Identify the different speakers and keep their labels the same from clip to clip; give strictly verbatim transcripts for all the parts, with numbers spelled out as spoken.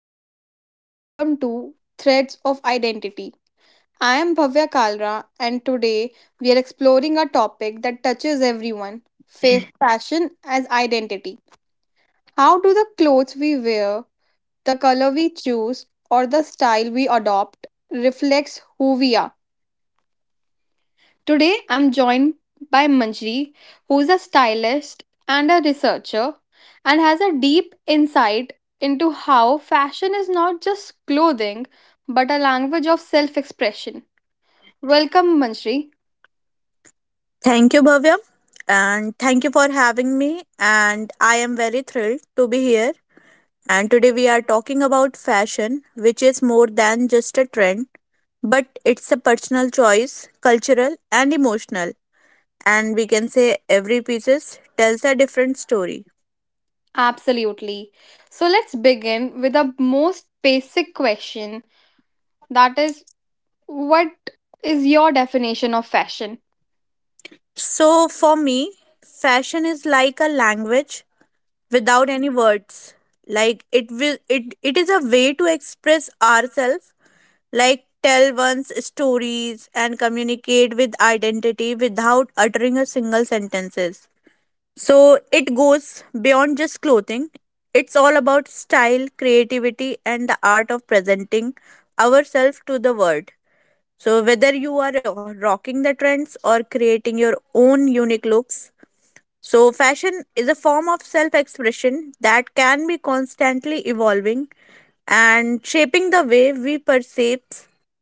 Speaker 1: everyone, and welcome to Threads of Identity. I am Bhavya Kalra, and today we are exploring a topic that touches everyone. Fa- fashion as identity. How do the clothes we wear, the color we choose, or the style we adopt reflects who we are? Today, I'm joined by Manjri, who's a stylist and a researcher and has a deep insight into how fashion is not just clothing but a language of self expression. Welcome, Manjri.
Speaker 2: Thank you, Bhavya, and thank you for having me. And I am very thrilled to be here. And today we are talking about fashion, which is more than just a trend, but it's a personal choice, cultural and emotional. And we can say every piece tells a different story.
Speaker 1: Absolutely. So, let's begin with the most basic question, that is, what is your definition of fashion?
Speaker 2: So for me, fashion is like a language without any words. Like it will it, it is a way to express ourselves, like tell one's stories and communicate with identity without uttering a single sentences. So it goes beyond just clothing. It's all about style, creativity, and the art of presenting ourselves to the world. So whether you are rocking the trends or creating your own unique looks, so fashion is a form of self expression that can be constantly evolving and shaping the way we perceive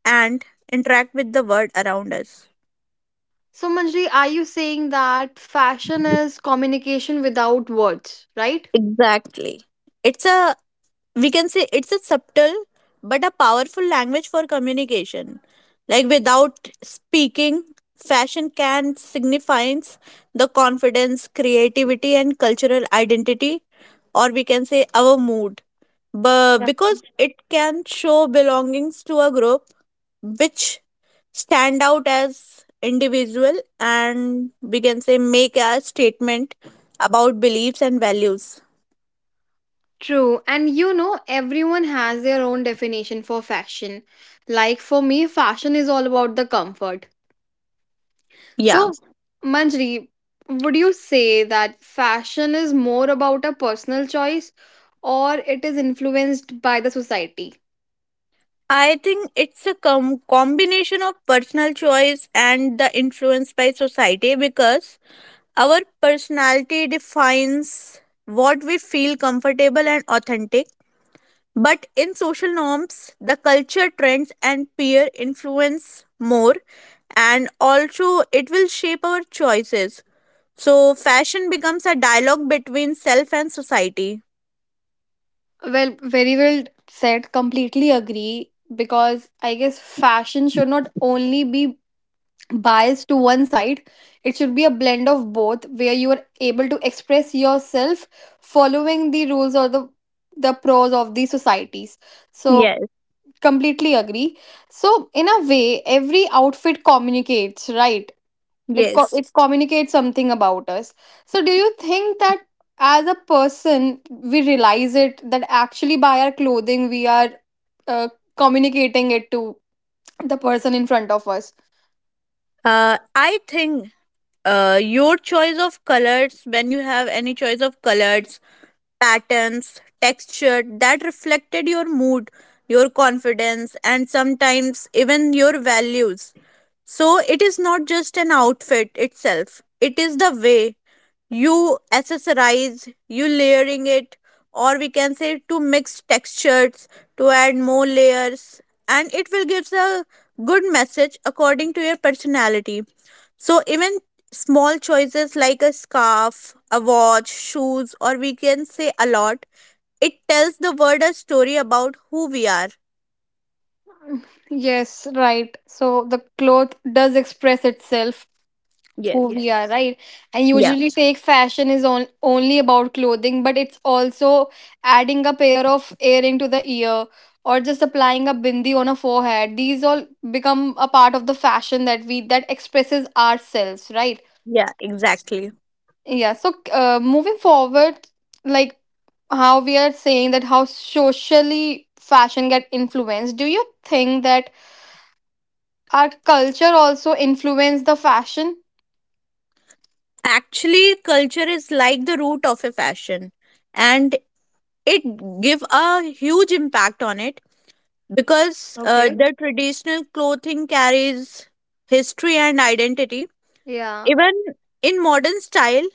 Speaker 2: and interact with the world around us.
Speaker 1: So, Manjri, are you saying that fashion is communication without words, right?
Speaker 2: Exactly. It's a we can say it's a subtle but a powerful language for communication, like without speaking, fashion can signifies the confidence, creativity, and cultural identity, or we can say our mood, but
Speaker 1: Yeah.
Speaker 2: because it can show belongings to a group which stand out as individual, and we can say make a statement about beliefs and values.
Speaker 1: True. And you know, everyone has their own definition for fashion. Like for me, fashion is all about the comfort.
Speaker 2: Yeah,
Speaker 1: So, Manjri, would you say that fashion is more about a personal choice or it is influenced by the society?
Speaker 2: I think it's a com- combination of personal choice and the influence by society, because our personality defines what we feel comfortable and authentic. But in social norms, the culture trends and peer influence more, and also it will shape our choices. So, fashion becomes a dialogue between self and society.
Speaker 1: Well, very well said. Completely agree. Because I guess fashion should not only be bias to one side. It should be a blend of both where you are able to express yourself following the rules or the the pros of the societies. So
Speaker 2: Yes.
Speaker 1: completely agree. So in a way, every outfit communicates, right? It co-
Speaker 2: Yes.
Speaker 1: it communicates something about us. So do you think that as a person we realize it that actually by our clothing we are uh, communicating it to the person in front of us?
Speaker 2: Uh, I think uh, your choice of colors, when you have any choice of colors, patterns, texture, that reflected your mood, your confidence, and sometimes even your values. So it is not just an outfit itself. It is the way you accessorize, you layering it, or we can say to mix textures to add more layers, and it will gives a good message according to your personality. So even small choices like a scarf, a watch, shoes, or we can say a lot, it tells the world a story about who we are.
Speaker 1: Yes, right. So the cloth does express itself
Speaker 2: Yes.
Speaker 1: who we are, right? And
Speaker 2: Yeah.
Speaker 1: usually fake fashion is on, only about clothing, but it's also adding a pair of earring to the ear or just applying a bindi on a forehead. These all become a part of the fashion that we that expresses ourselves, right?
Speaker 2: Yeah, exactly.
Speaker 1: Yeah, so uh, moving forward, like how we are saying that how socially fashion get influenced, do you think that our culture also influenced the fashion.
Speaker 2: Actually, culture is like the root of a fashion, and it give a huge impact on it, because uh,
Speaker 1: Okay.
Speaker 2: the traditional clothing carries history and identity.
Speaker 1: Yeah.
Speaker 2: Even in modern style,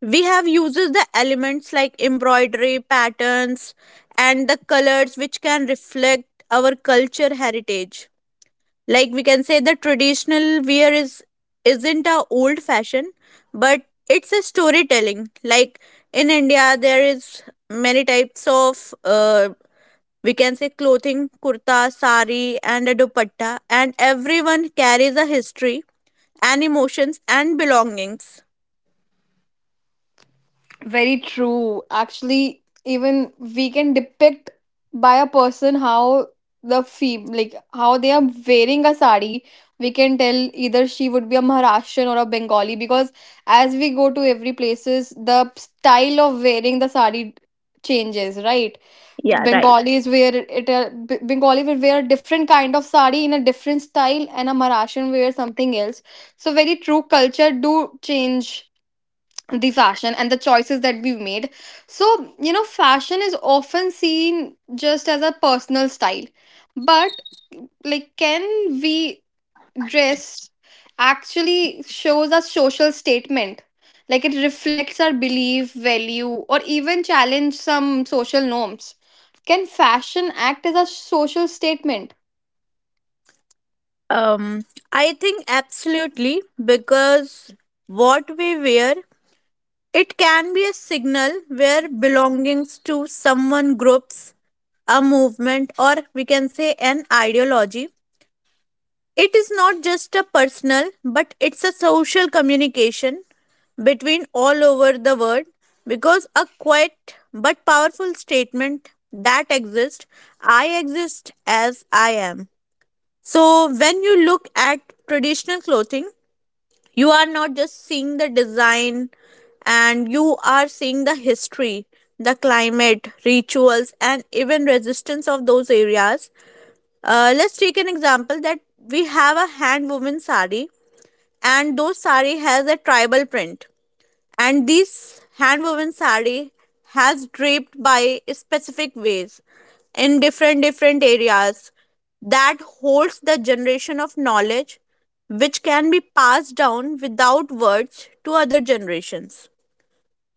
Speaker 2: we have uses the elements like embroidery patterns and the colors which can reflect our culture heritage. Like we can say the traditional wear is isn't a old fashion, but it's a storytelling. Like in India there is many types of, uh, we can say, clothing, kurta, sari, and a dupatta, and everyone carries a history and emotions and belongings.
Speaker 1: Very true. Actually, even we can depict by a person how the fee like how they are wearing a sari. We can tell either she would be a Maharashtrian or a Bengali because as we go to every places, the style of wearing the sari changes, right?
Speaker 2: Yeah, right.
Speaker 1: Bengalis wear it. A, B- Bengali will wear a different kind of sari in a different style, and a Maharashtrian wear something else. So very true, culture do change the fashion and the choices that we've made. So you know, fashion is often seen just as a personal style, but like, can we? Dress actually shows a social statement. Like it reflects our belief, value, or even challenge some social norms. Can fashion act as a social statement?
Speaker 2: Um, I think absolutely, because what we wear, it can be a signal where belongings to someone groups, a movement, or we can say an ideology. It is not just a personal, but it's a social communication between all over the world, because a quiet but powerful statement that exists. I exist as I am. So when you look at traditional clothing, you are not just seeing the design, and you are seeing the history, the climate, rituals, and even resistance of those areas. Uh, let's take an example that we have a hand woven sari, and those sari has a tribal print, and this hand woven sari has draped by specific ways in different different areas that holds the generation of knowledge which can be passed down without words to other generations.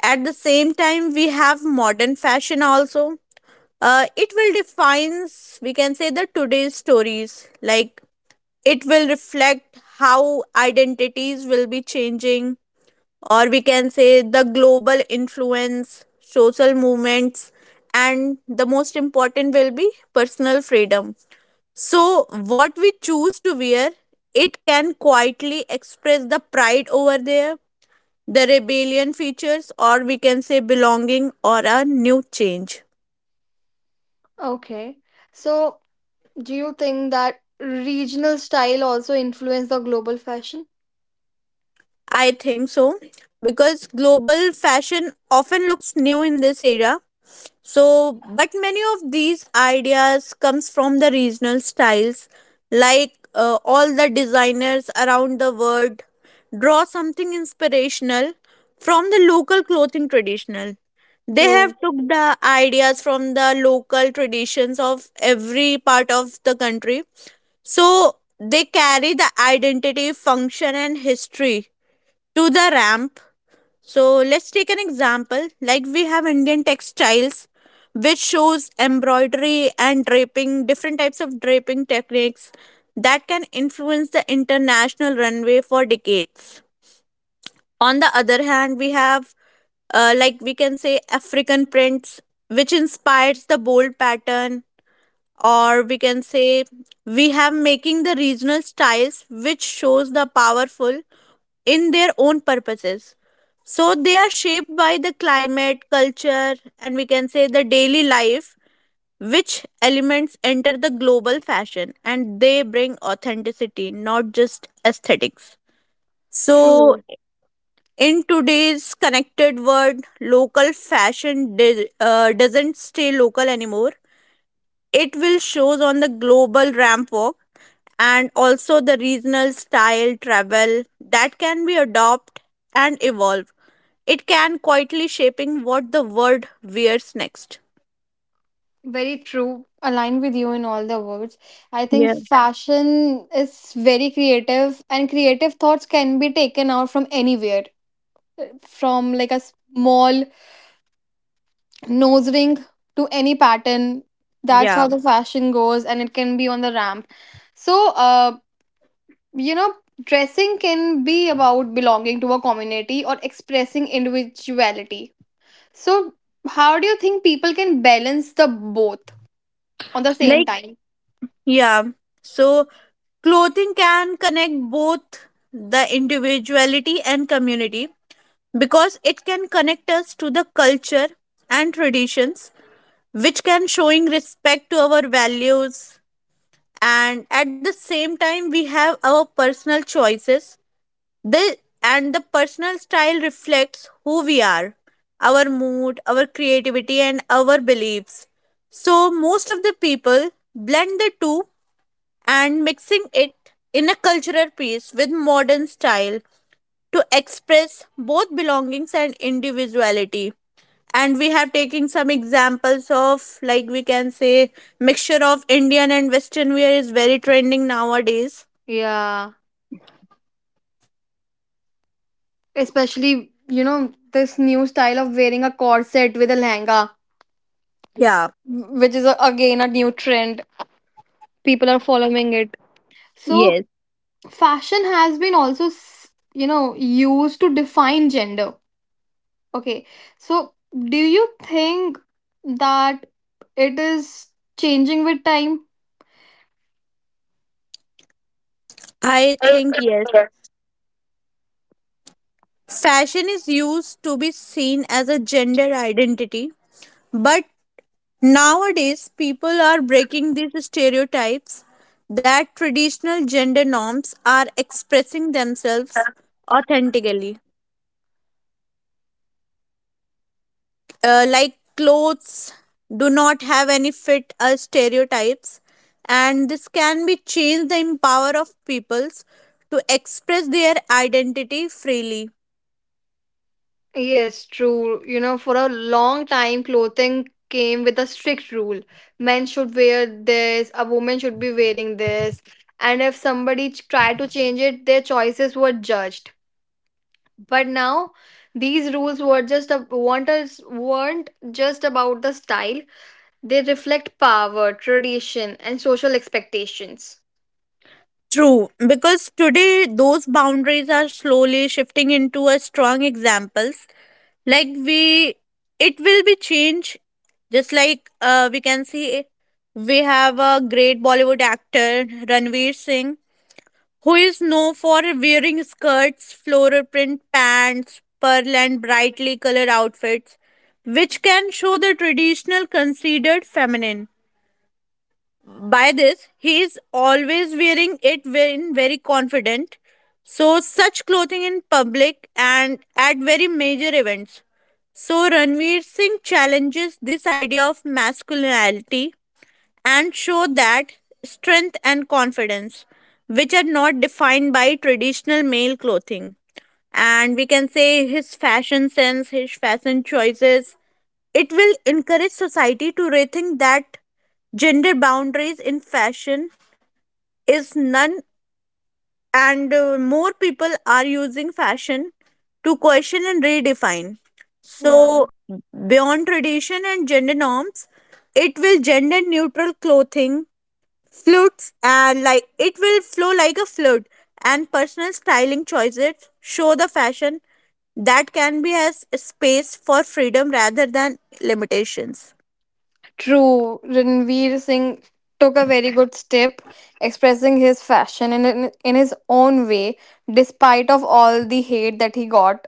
Speaker 2: At the same time, we have modern fashion also. Uh, it will defines, we can say, the today's stories. Like it will reflect how identities will be changing, or we can say the global influence, social movements, and the most important will be personal freedom. So, what we choose to wear, it can quietly express the pride over there, the rebellion features, or we can say belonging or a new change.
Speaker 1: Okay. So, do you think that regional style also influence the global fashion?
Speaker 2: I think so, because global fashion often looks new in this era. So, but many of these ideas comes from the regional styles, like uh, all the designers around the world draw something inspirational from the local clothing traditional. They have
Speaker 1: True,
Speaker 2: took the ideas from the local traditions of every part of the country. So they carry the identity, function, and history to the ramp. So let's take an example. Like we have Indian textiles, which shows embroidery and draping, different types of draping techniques that can influence the international runway for decades. On the other hand, we have, uh, like we can say, African prints, which inspires the bold pattern, or we can say we have making the regional styles, which shows the powerful in their own purposes. So they are shaped by the climate, culture, and we can say the daily life, which elements enter the global fashion, and they bring authenticity, not just aesthetics. So,
Speaker 1: true,
Speaker 2: in today's connected world, local fashion di- uh, doesn't stay local anymore. It will shows on the global ramp walk, and also the regional style travel that can be adopt and evolve. It can quietly shaping what the world wears next.
Speaker 1: very true. Aligned with you in all the words. I think
Speaker 2: Yeah.
Speaker 1: fashion is very creative, and creative thoughts can be taken out from anywhere. From like a small nose ring to any pattern. That's
Speaker 2: Yeah.
Speaker 1: how the fashion goes, and it can be on the ramp. So, uh, you know, dressing can be about belonging to a community or expressing individuality. So, how do you think people can balance the both on the same
Speaker 2: Like,
Speaker 1: time?
Speaker 2: yeah. So, clothing can connect both the individuality and community, because it can connect us to the culture and traditions, which can showing respect to our values. And at the same time, we have our personal choices. The and the personal style reflects who we are, our mood, our creativity, and our beliefs. So most of the people blend the two and mixing it in a cultural piece with modern style to express both belongings and individuality. And we have taken some examples of, like we can say, mixture of Indian and Western wear is very trending nowadays.
Speaker 1: Yeah, especially you know this new style of wearing a corset with a lehenga,
Speaker 2: Yeah.
Speaker 1: which is a, again a new trend. People are following it. So,
Speaker 2: Yes.
Speaker 1: fashion has been also s- you know used to define gender. Okay. So do you think that it is changing with time?
Speaker 2: I think yes. Fashion is used to be seen as a gender identity, but nowadays people are breaking these stereotypes that traditional gender norms are expressing themselves authentically. Uh, like clothes do not have any fit or stereotypes, and this can be changed the empower of peoples to express their identity freely.
Speaker 1: Yes, true. You know, for a long time, clothing came with a strict rule. Men should wear this, a woman should be wearing this. And if somebody ch- tried to change it, their choices were judged. But now, these rules were just a, weren't, as- weren't just about the style. They reflect power, tradition, and social expectations.
Speaker 2: True, because today those boundaries are slowly shifting into a strong examples. Like we, it will be change. Just like, uh, we can see, we have a great Bollywood actor Ranveer Singh, who is known for wearing skirts, floral print pants, pearl and brightly colored outfits, which can show the traditional considered feminine. By this, he is always wearing it when very confident. So, such clothing in public and at very major events. So, Ranveer Singh challenges this idea of masculinity and show that strength and confidence, which are not defined by traditional male clothing. And we can say his fashion sense, his fashion choices, it will encourage society to rethink that gender boundaries in fashion is none, and uh, more people are using fashion to question and redefine. So,
Speaker 1: Yeah.
Speaker 2: beyond tradition and gender norms, it will gender neutral clothing flutes, and like it will flow like a flood, and personal styling choices show the fashion that can be as space for freedom rather than limitations.
Speaker 1: True, Ranveer Singh took a very good step expressing his fashion in, in, in his own way despite of all the hate that he got.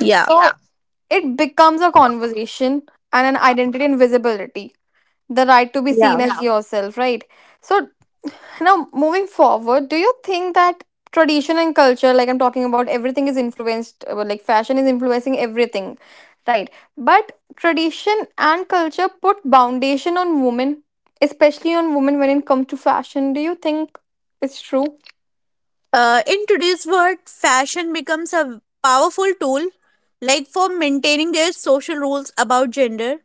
Speaker 2: Yeah,
Speaker 1: So yeah, it becomes a conversation and an identity and visibility. The right to be
Speaker 2: yeah.
Speaker 1: seen as, yeah, yourself, right? So now, moving forward, do you think that tradition and culture, like I'm talking about, everything is influenced, uh, well, like fashion is influencing everything, right? But tradition and culture put foundation on women, especially on women when it comes to fashion. Do you think it's true?
Speaker 2: Uh, in today's world, fashion becomes a powerful tool, like for maintaining their social rules about gender,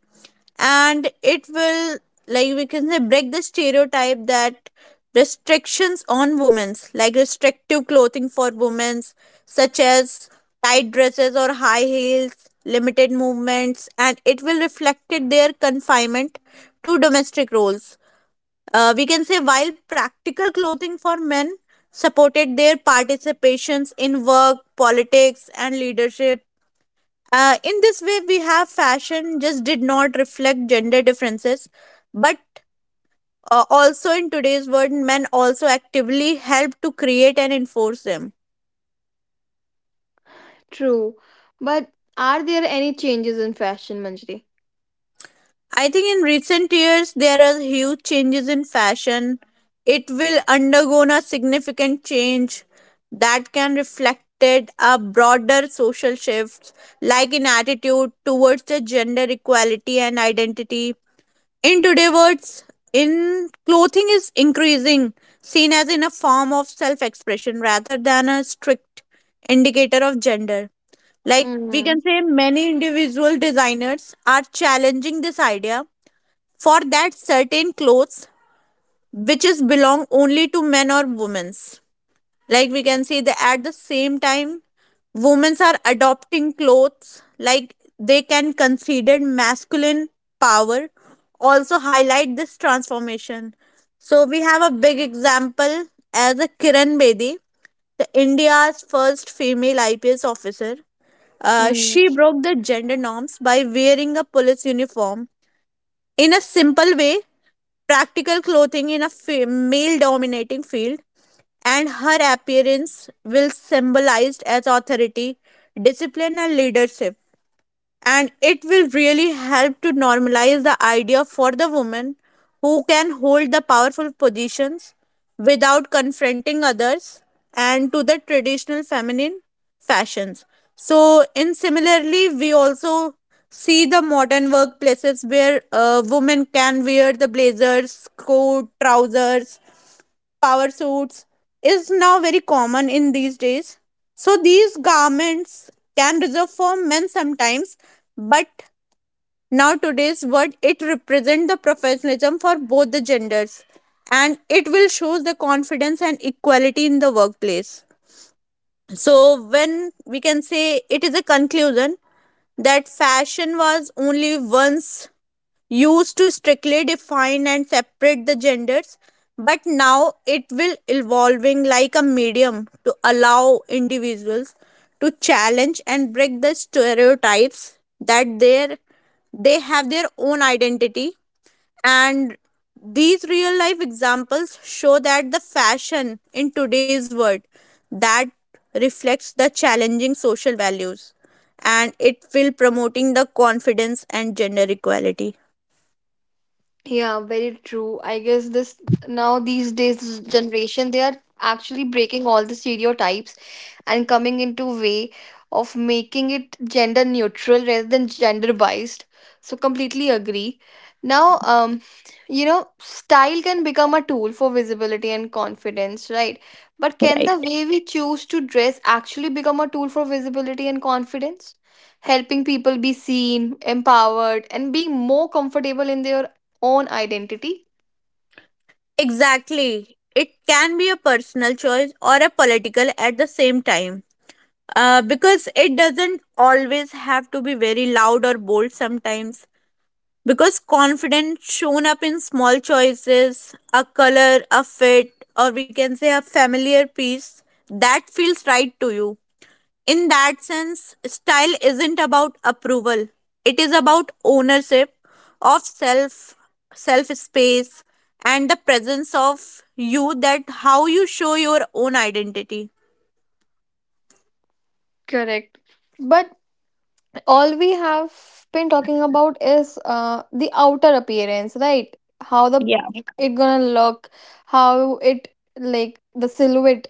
Speaker 2: and it will, like we can say, break the stereotype that restrictions on women's, like restrictive clothing for women's, such as tight dresses or high heels, limited movements, and it will reflect their confinement to domestic roles. Uh, we can say while practical clothing for men supported their participations in work, politics, and leadership. Uh, in this way, we have fashion just did not reflect gender differences, but uh, also in today's world, men also actively help to create and enforce them.
Speaker 1: True. But are there any changes in fashion, Manjri?
Speaker 2: I think in recent years there are huge changes in fashion. It will undergo a significant change that can reflected a broader social shifts, like in attitude towards the gender equality and identity. In today's words, in clothing is increasing, seen as in a form of self-expression rather than a strict indicator of gender. Like we
Speaker 1: Hmm.
Speaker 2: can say many individual designers are challenging this idea for that certain clothes which is belong only to men or women's. Like we can see, that at the same time, women's are adopting clothes like they can consider masculine power also highlight this transformation. So we have a big example as a Kiran Bedi, the India's first female I P S officer. Uh, she broke the gender norms by wearing a police uniform in a simple way, practical clothing in a fa- male dominating field, and her appearance will symbolized as authority, discipline, and leadership, and it will really help to normalize the idea for the woman who can hold the powerful positions without confronting others and to the traditional feminine fashions. So in similarly we also see the modern workplaces where uh, women can wear the blazers, coat, trousers, power suits is now very common in these days. So these garments can reserve for men sometimes, but now today's word it represents the professionalism for both the genders, and it will show the confidence and equality in the workplace. So when we can say it is a conclusion that fashion was only once used to strictly define and separate the genders, but now it will evolving like a medium to allow individuals to challenge and break the stereotypes that their they have their own identity, and these real life examples show that the fashion in today's world that reflects the challenging social values and it will promoting the confidence and gender equality.
Speaker 1: Yeah, very true. I guess this, now these days this generation they are actually breaking all the stereotypes and coming into way of making it gender neutral rather than gender biased. So completely agree. Now, um, you know, style can become a tool for visibility and confidence, right? But can the way we choose to dress actually become a tool for visibility and confidence, helping people be seen, empowered, and being more comfortable in their own identity?
Speaker 2: Exactly. It can be a personal choice or a political at the same time. Uh, because it doesn't always have to be very loud or bold sometimes. Because confidence shown up in small choices, a color, a fit, or we can say a familiar piece that feels right to you in that sense, style isn't about approval. It is about ownership of self, self space, and the presence of you that how you show your own identity.
Speaker 1: Correct. But all we have been talking about is uh, the outer appearance, right? How the
Speaker 2: Yeah.
Speaker 1: it gonna look, how it like the silhouette.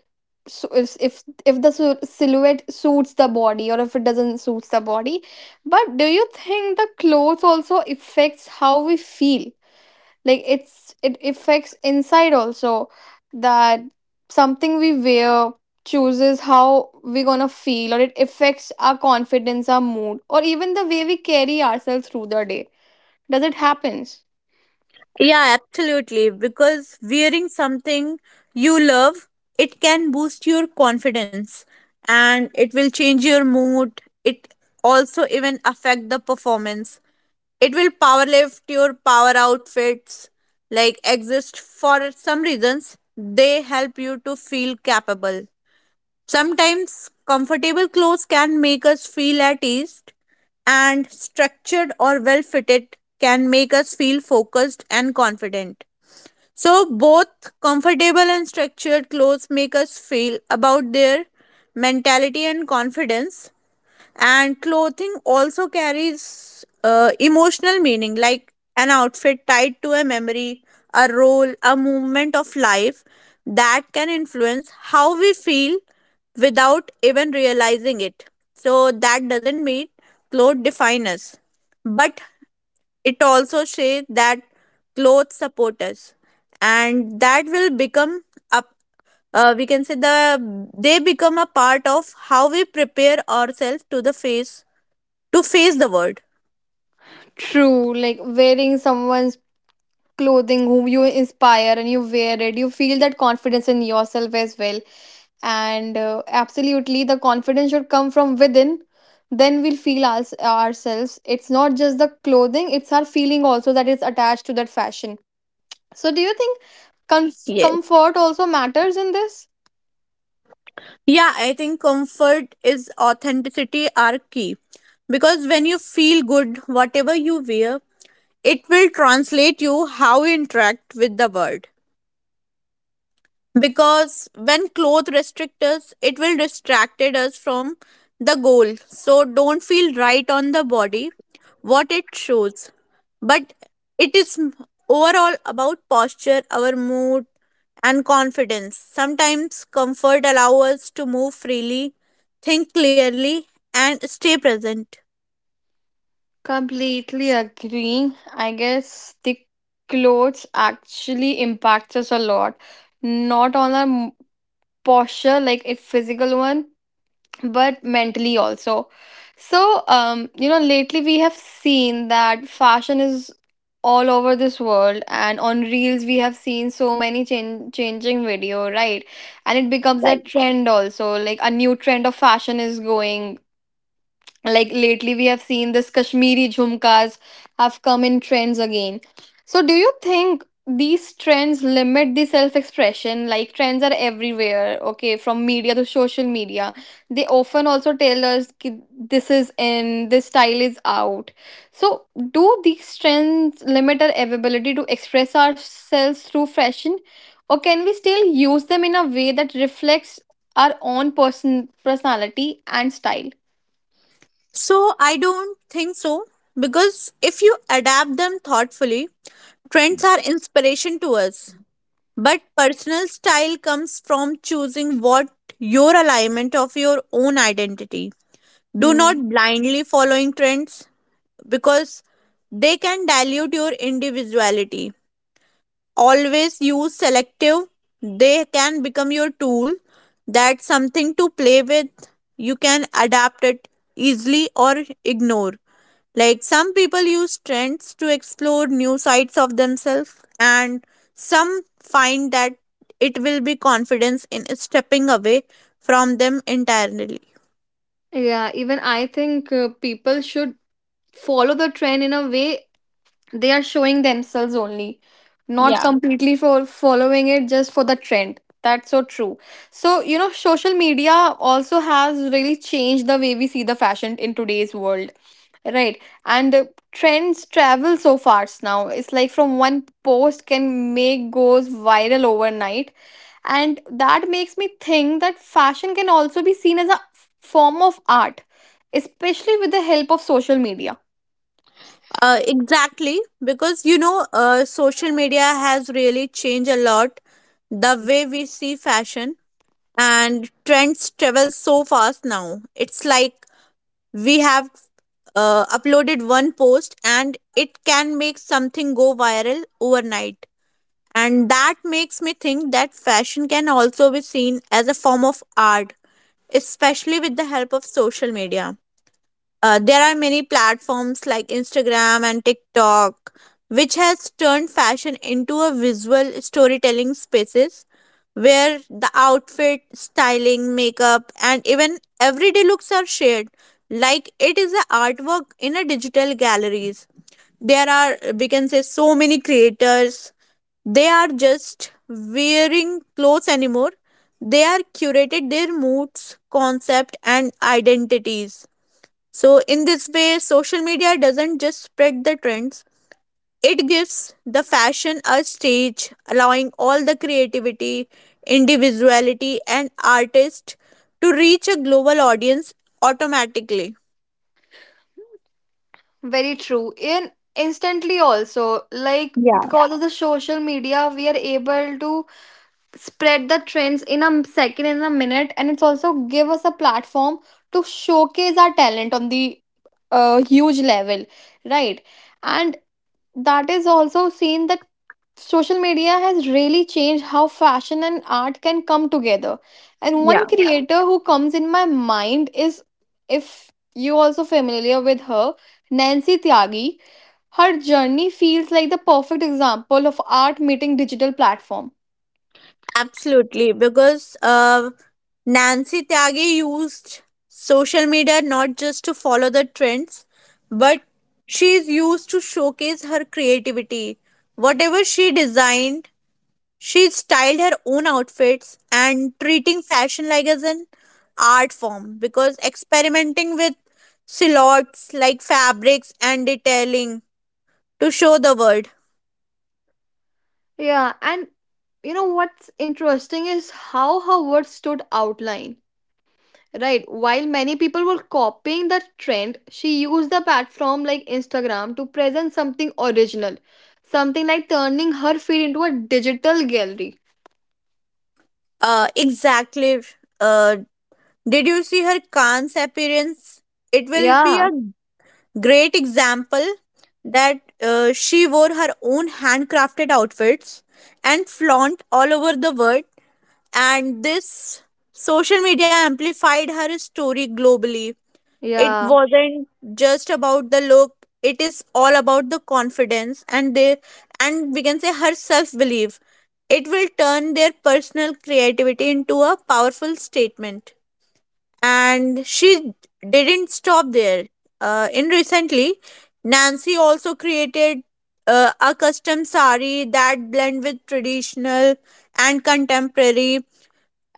Speaker 1: So if if if the su- silhouette suits the body or if it doesn't suits the body, but do you think the clothes also affects how we feel? Like it's it affects inside also, that something we wear chooses how we're gonna feel, or it affects our confidence, our mood, or even the way we carry ourselves through the day. Does it happens?
Speaker 2: Yeah, absolutely. Because wearing something you love, it can boost your confidence and it will change your mood. It also even affect the performance. It will power lift your power outfits like exist for some reasons. They help you to feel capable. Sometimes comfortable clothes can make us feel at ease, and structured or well fitted can make us feel focused and confident. So, both comfortable and structured clothes make us feel about their mentality and confidence, and clothing also carries uh, emotional meaning like an outfit tied to a memory, a role, a movement of life that can influence how we feel without even realizing it. So that doesn't mean clothes define us, but it also says that clothes support us and that will become up, uh, we can say the they become a part of how we prepare ourselves to the face to face the world.
Speaker 1: True, like wearing someone's clothing whom you inspire and you wear it, you feel that confidence in yourself as well. And uh, absolutely, the confidence should come from within, then we'll feel our, ourselves. It's not just the clothing, it's our feeling also that is attached to that fashion. So do you think
Speaker 2: Yes.
Speaker 1: com- comfort also matters in this?
Speaker 2: Yeah, I think comfort is authenticity are key, because when you feel good, whatever you wear, it will translate you how you interact with the world. Because when clothes restrict us it will distracted us from the goal so don't feel right on the body what it shows, but it is m- overall about posture, our mood, and confidence. Sometimes comfort allows us to move freely, think clearly, and stay present.
Speaker 1: Completely agree. I guess the clothes actually impacts us a lot, not on a m- posture like a physical one, but mentally also. So, um, you know, lately we have seen that fashion is all over this world, and on Reels, we have seen so many change changing video, right? And it becomes a
Speaker 2: Right.
Speaker 1: trend also, like a new trend of fashion is going, like lately we have seen this Kashmiri jhumkas have come in trends again. So do you think these trends limit the self expression? Like trends are everywhere, okay, from media to social media. They often also tell us ki this is in, this style is out. So do these trends limit our ability to express ourselves through fashion, or can we still use them in a way that reflects our own person personality and style?
Speaker 2: So I don't think so, because if you adapt them thoughtfully, trends are inspiration to us. But personal style comes from choosing what your alignment of your own identity. Do
Speaker 1: Hmm.
Speaker 2: not blindly following trends, because they can dilute your individuality. Always use selective, they can become your tool, that's something to play with, you can adapt it easily or ignore. Like some people use trends to explore new sides of themselves, and some find that it will be confidence in stepping away from them entirely.
Speaker 1: Yeah, even I think uh, people should follow the trend in a way they are showing themselves only, not
Speaker 2: Yeah.
Speaker 1: completely for following it just for the trend. That's so true. So, you know, social media also has really changed the way we see the fashion in today's world. Right. And uh, trends travel so fast now. It's like from one post can make goes viral overnight. And that makes me think that fashion can also be seen as a f- form of art, especially with the help of social media.
Speaker 2: Uh, exactly, because you know, uh, social media has really changed a lot the way we see fashion, and trends travel so fast now. It's like we have uh, uploaded one post and it can make something go viral overnight. And that makes me think that fashion can also be seen as a form of art, especially with the help of social media. Uh, there are many platforms like Instagram and TikTok, which has turned fashion into a visual storytelling spaces where the outfit, styling, makeup, and even everyday looks are shared. Like it is an artwork in a digital galleries. There are we can say so many creators. They are just wearing clothes anymore. They are curated their moods, concept, and identities. So, in this way, social media doesn't just spread the trends, it gives the fashion a stage, allowing all the creativity, individuality, and artists to reach a global audience automatically.
Speaker 1: Very true. In instantly also, like
Speaker 2: Yeah.
Speaker 1: because of the social media, we are able to spread the trends in a m- second, in a minute, and it's also give us a platform to showcase our talent on the uh, huge level, right? And that is also seen that social media has really changed how fashion and art can come together. And one, yeah, creator who comes in my mind is, if you also familiar with her, Nancy Tyagi. Her journey feels like the perfect example of art meeting digital platform.
Speaker 2: Absolutely, because uh, Nancy Tyagi used social media not just to follow the trends, but she is used to showcase her creativity. Whatever she designed, she styled her own outfits and treating fashion like as an art form, because experimenting with silhouettes like fabrics and detailing to show the world.
Speaker 1: Yeah. And you know what's interesting is how her words stood outline. Right. While many people were copying the trend, she used the platform like Instagram to present something original, something like turning her feed into a digital gallery.
Speaker 2: Uh, exactly. Uh, did you see her Khan's appearance? It will be a
Speaker 1: Yeah,
Speaker 2: great example that uh, she wore her own handcrafted outfits and flaunt all over the world, and this social media amplified her story globally. It
Speaker 1: yeah,
Speaker 2: wasn't just about the look, it is all about the confidence and they and we can say her self belief. It will turn their personal creativity into a powerful statement, and she didn't stop there. Uh, in recently, Nancy also created uh, a custom sari that blend with traditional and contemporary,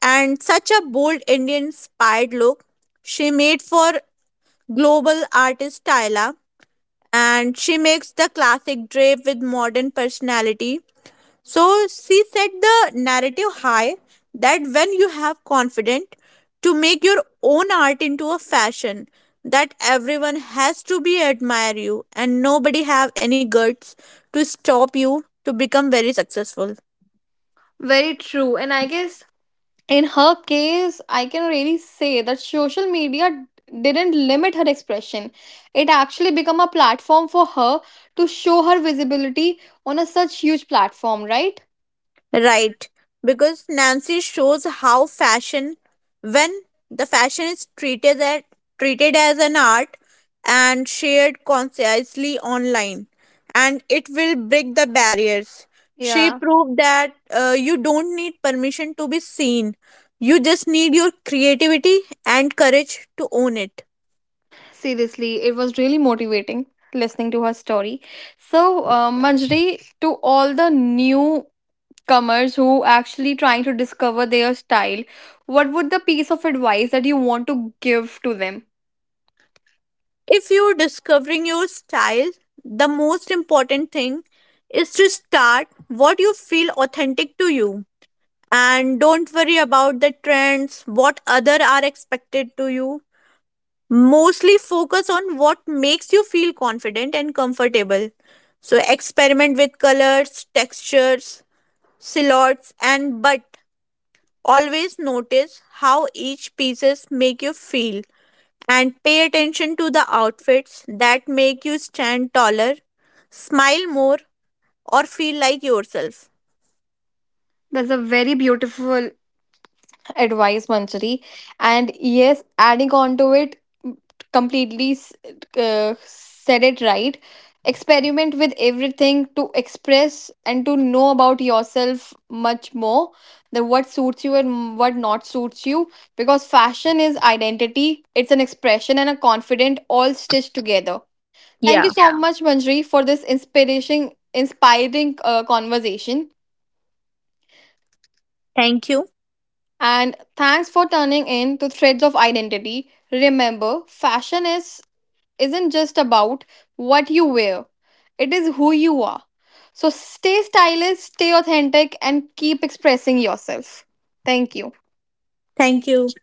Speaker 2: and such a bold Indian inspired look she made for global artist Tyla, and she makes the classic drape with modern personality. So she set the narrative high that when you have confidence to make your own art into a fashion, that everyone has to be admire you and nobody have any guts to stop you to become very successful.
Speaker 1: very true. And I guess in her case, I can really say that social media didn't limit her expression. It actually became a platform for her to show her visibility on a such huge platform, right?
Speaker 2: Right, because Nancy shows how fashion, when the fashion is treated as, treated as an art and shared consciously online, and it will break the barriers. She
Speaker 1: Yeah.
Speaker 2: proved that uh, you don't need permission to be seen, you just need your creativity and courage to own it.
Speaker 1: Seriously, it was really motivating listening to her story. So, uh, Manjri, to all the newcomers who actually trying to discover their style, what would the piece of advice that you want to give to them?
Speaker 2: If you're discovering your style, the most important thing is to start what you feel authentic to you. And don't worry about the trends what other are expected to you, mostly focus on what makes you feel confident and comfortable. So experiment with colors, textures, silhouettes and but always notice how each pieces make you feel, and pay attention to the outfits that make you stand taller, smile more, or feel like yourself.
Speaker 1: That's a very beautiful advice, Manjari. And yes, adding on to it, completely s- uh, said it right. Experiment with everything to express and to know about yourself much more. The what suits you and what not suits you. Because fashion is identity, it's an expression and a confident all stitched together. Thank you
Speaker 2: Yeah.
Speaker 1: so, yeah, much, Manjari, for this inspiration, inspiring uh, conversation.
Speaker 2: Thank you.
Speaker 1: And thanks for turning in to Threads of Identity. Remember, fashion is isn't just about what you wear. It is who you are. So stay stylish, stay authentic and keep expressing yourself. Thank you.
Speaker 2: Thank you.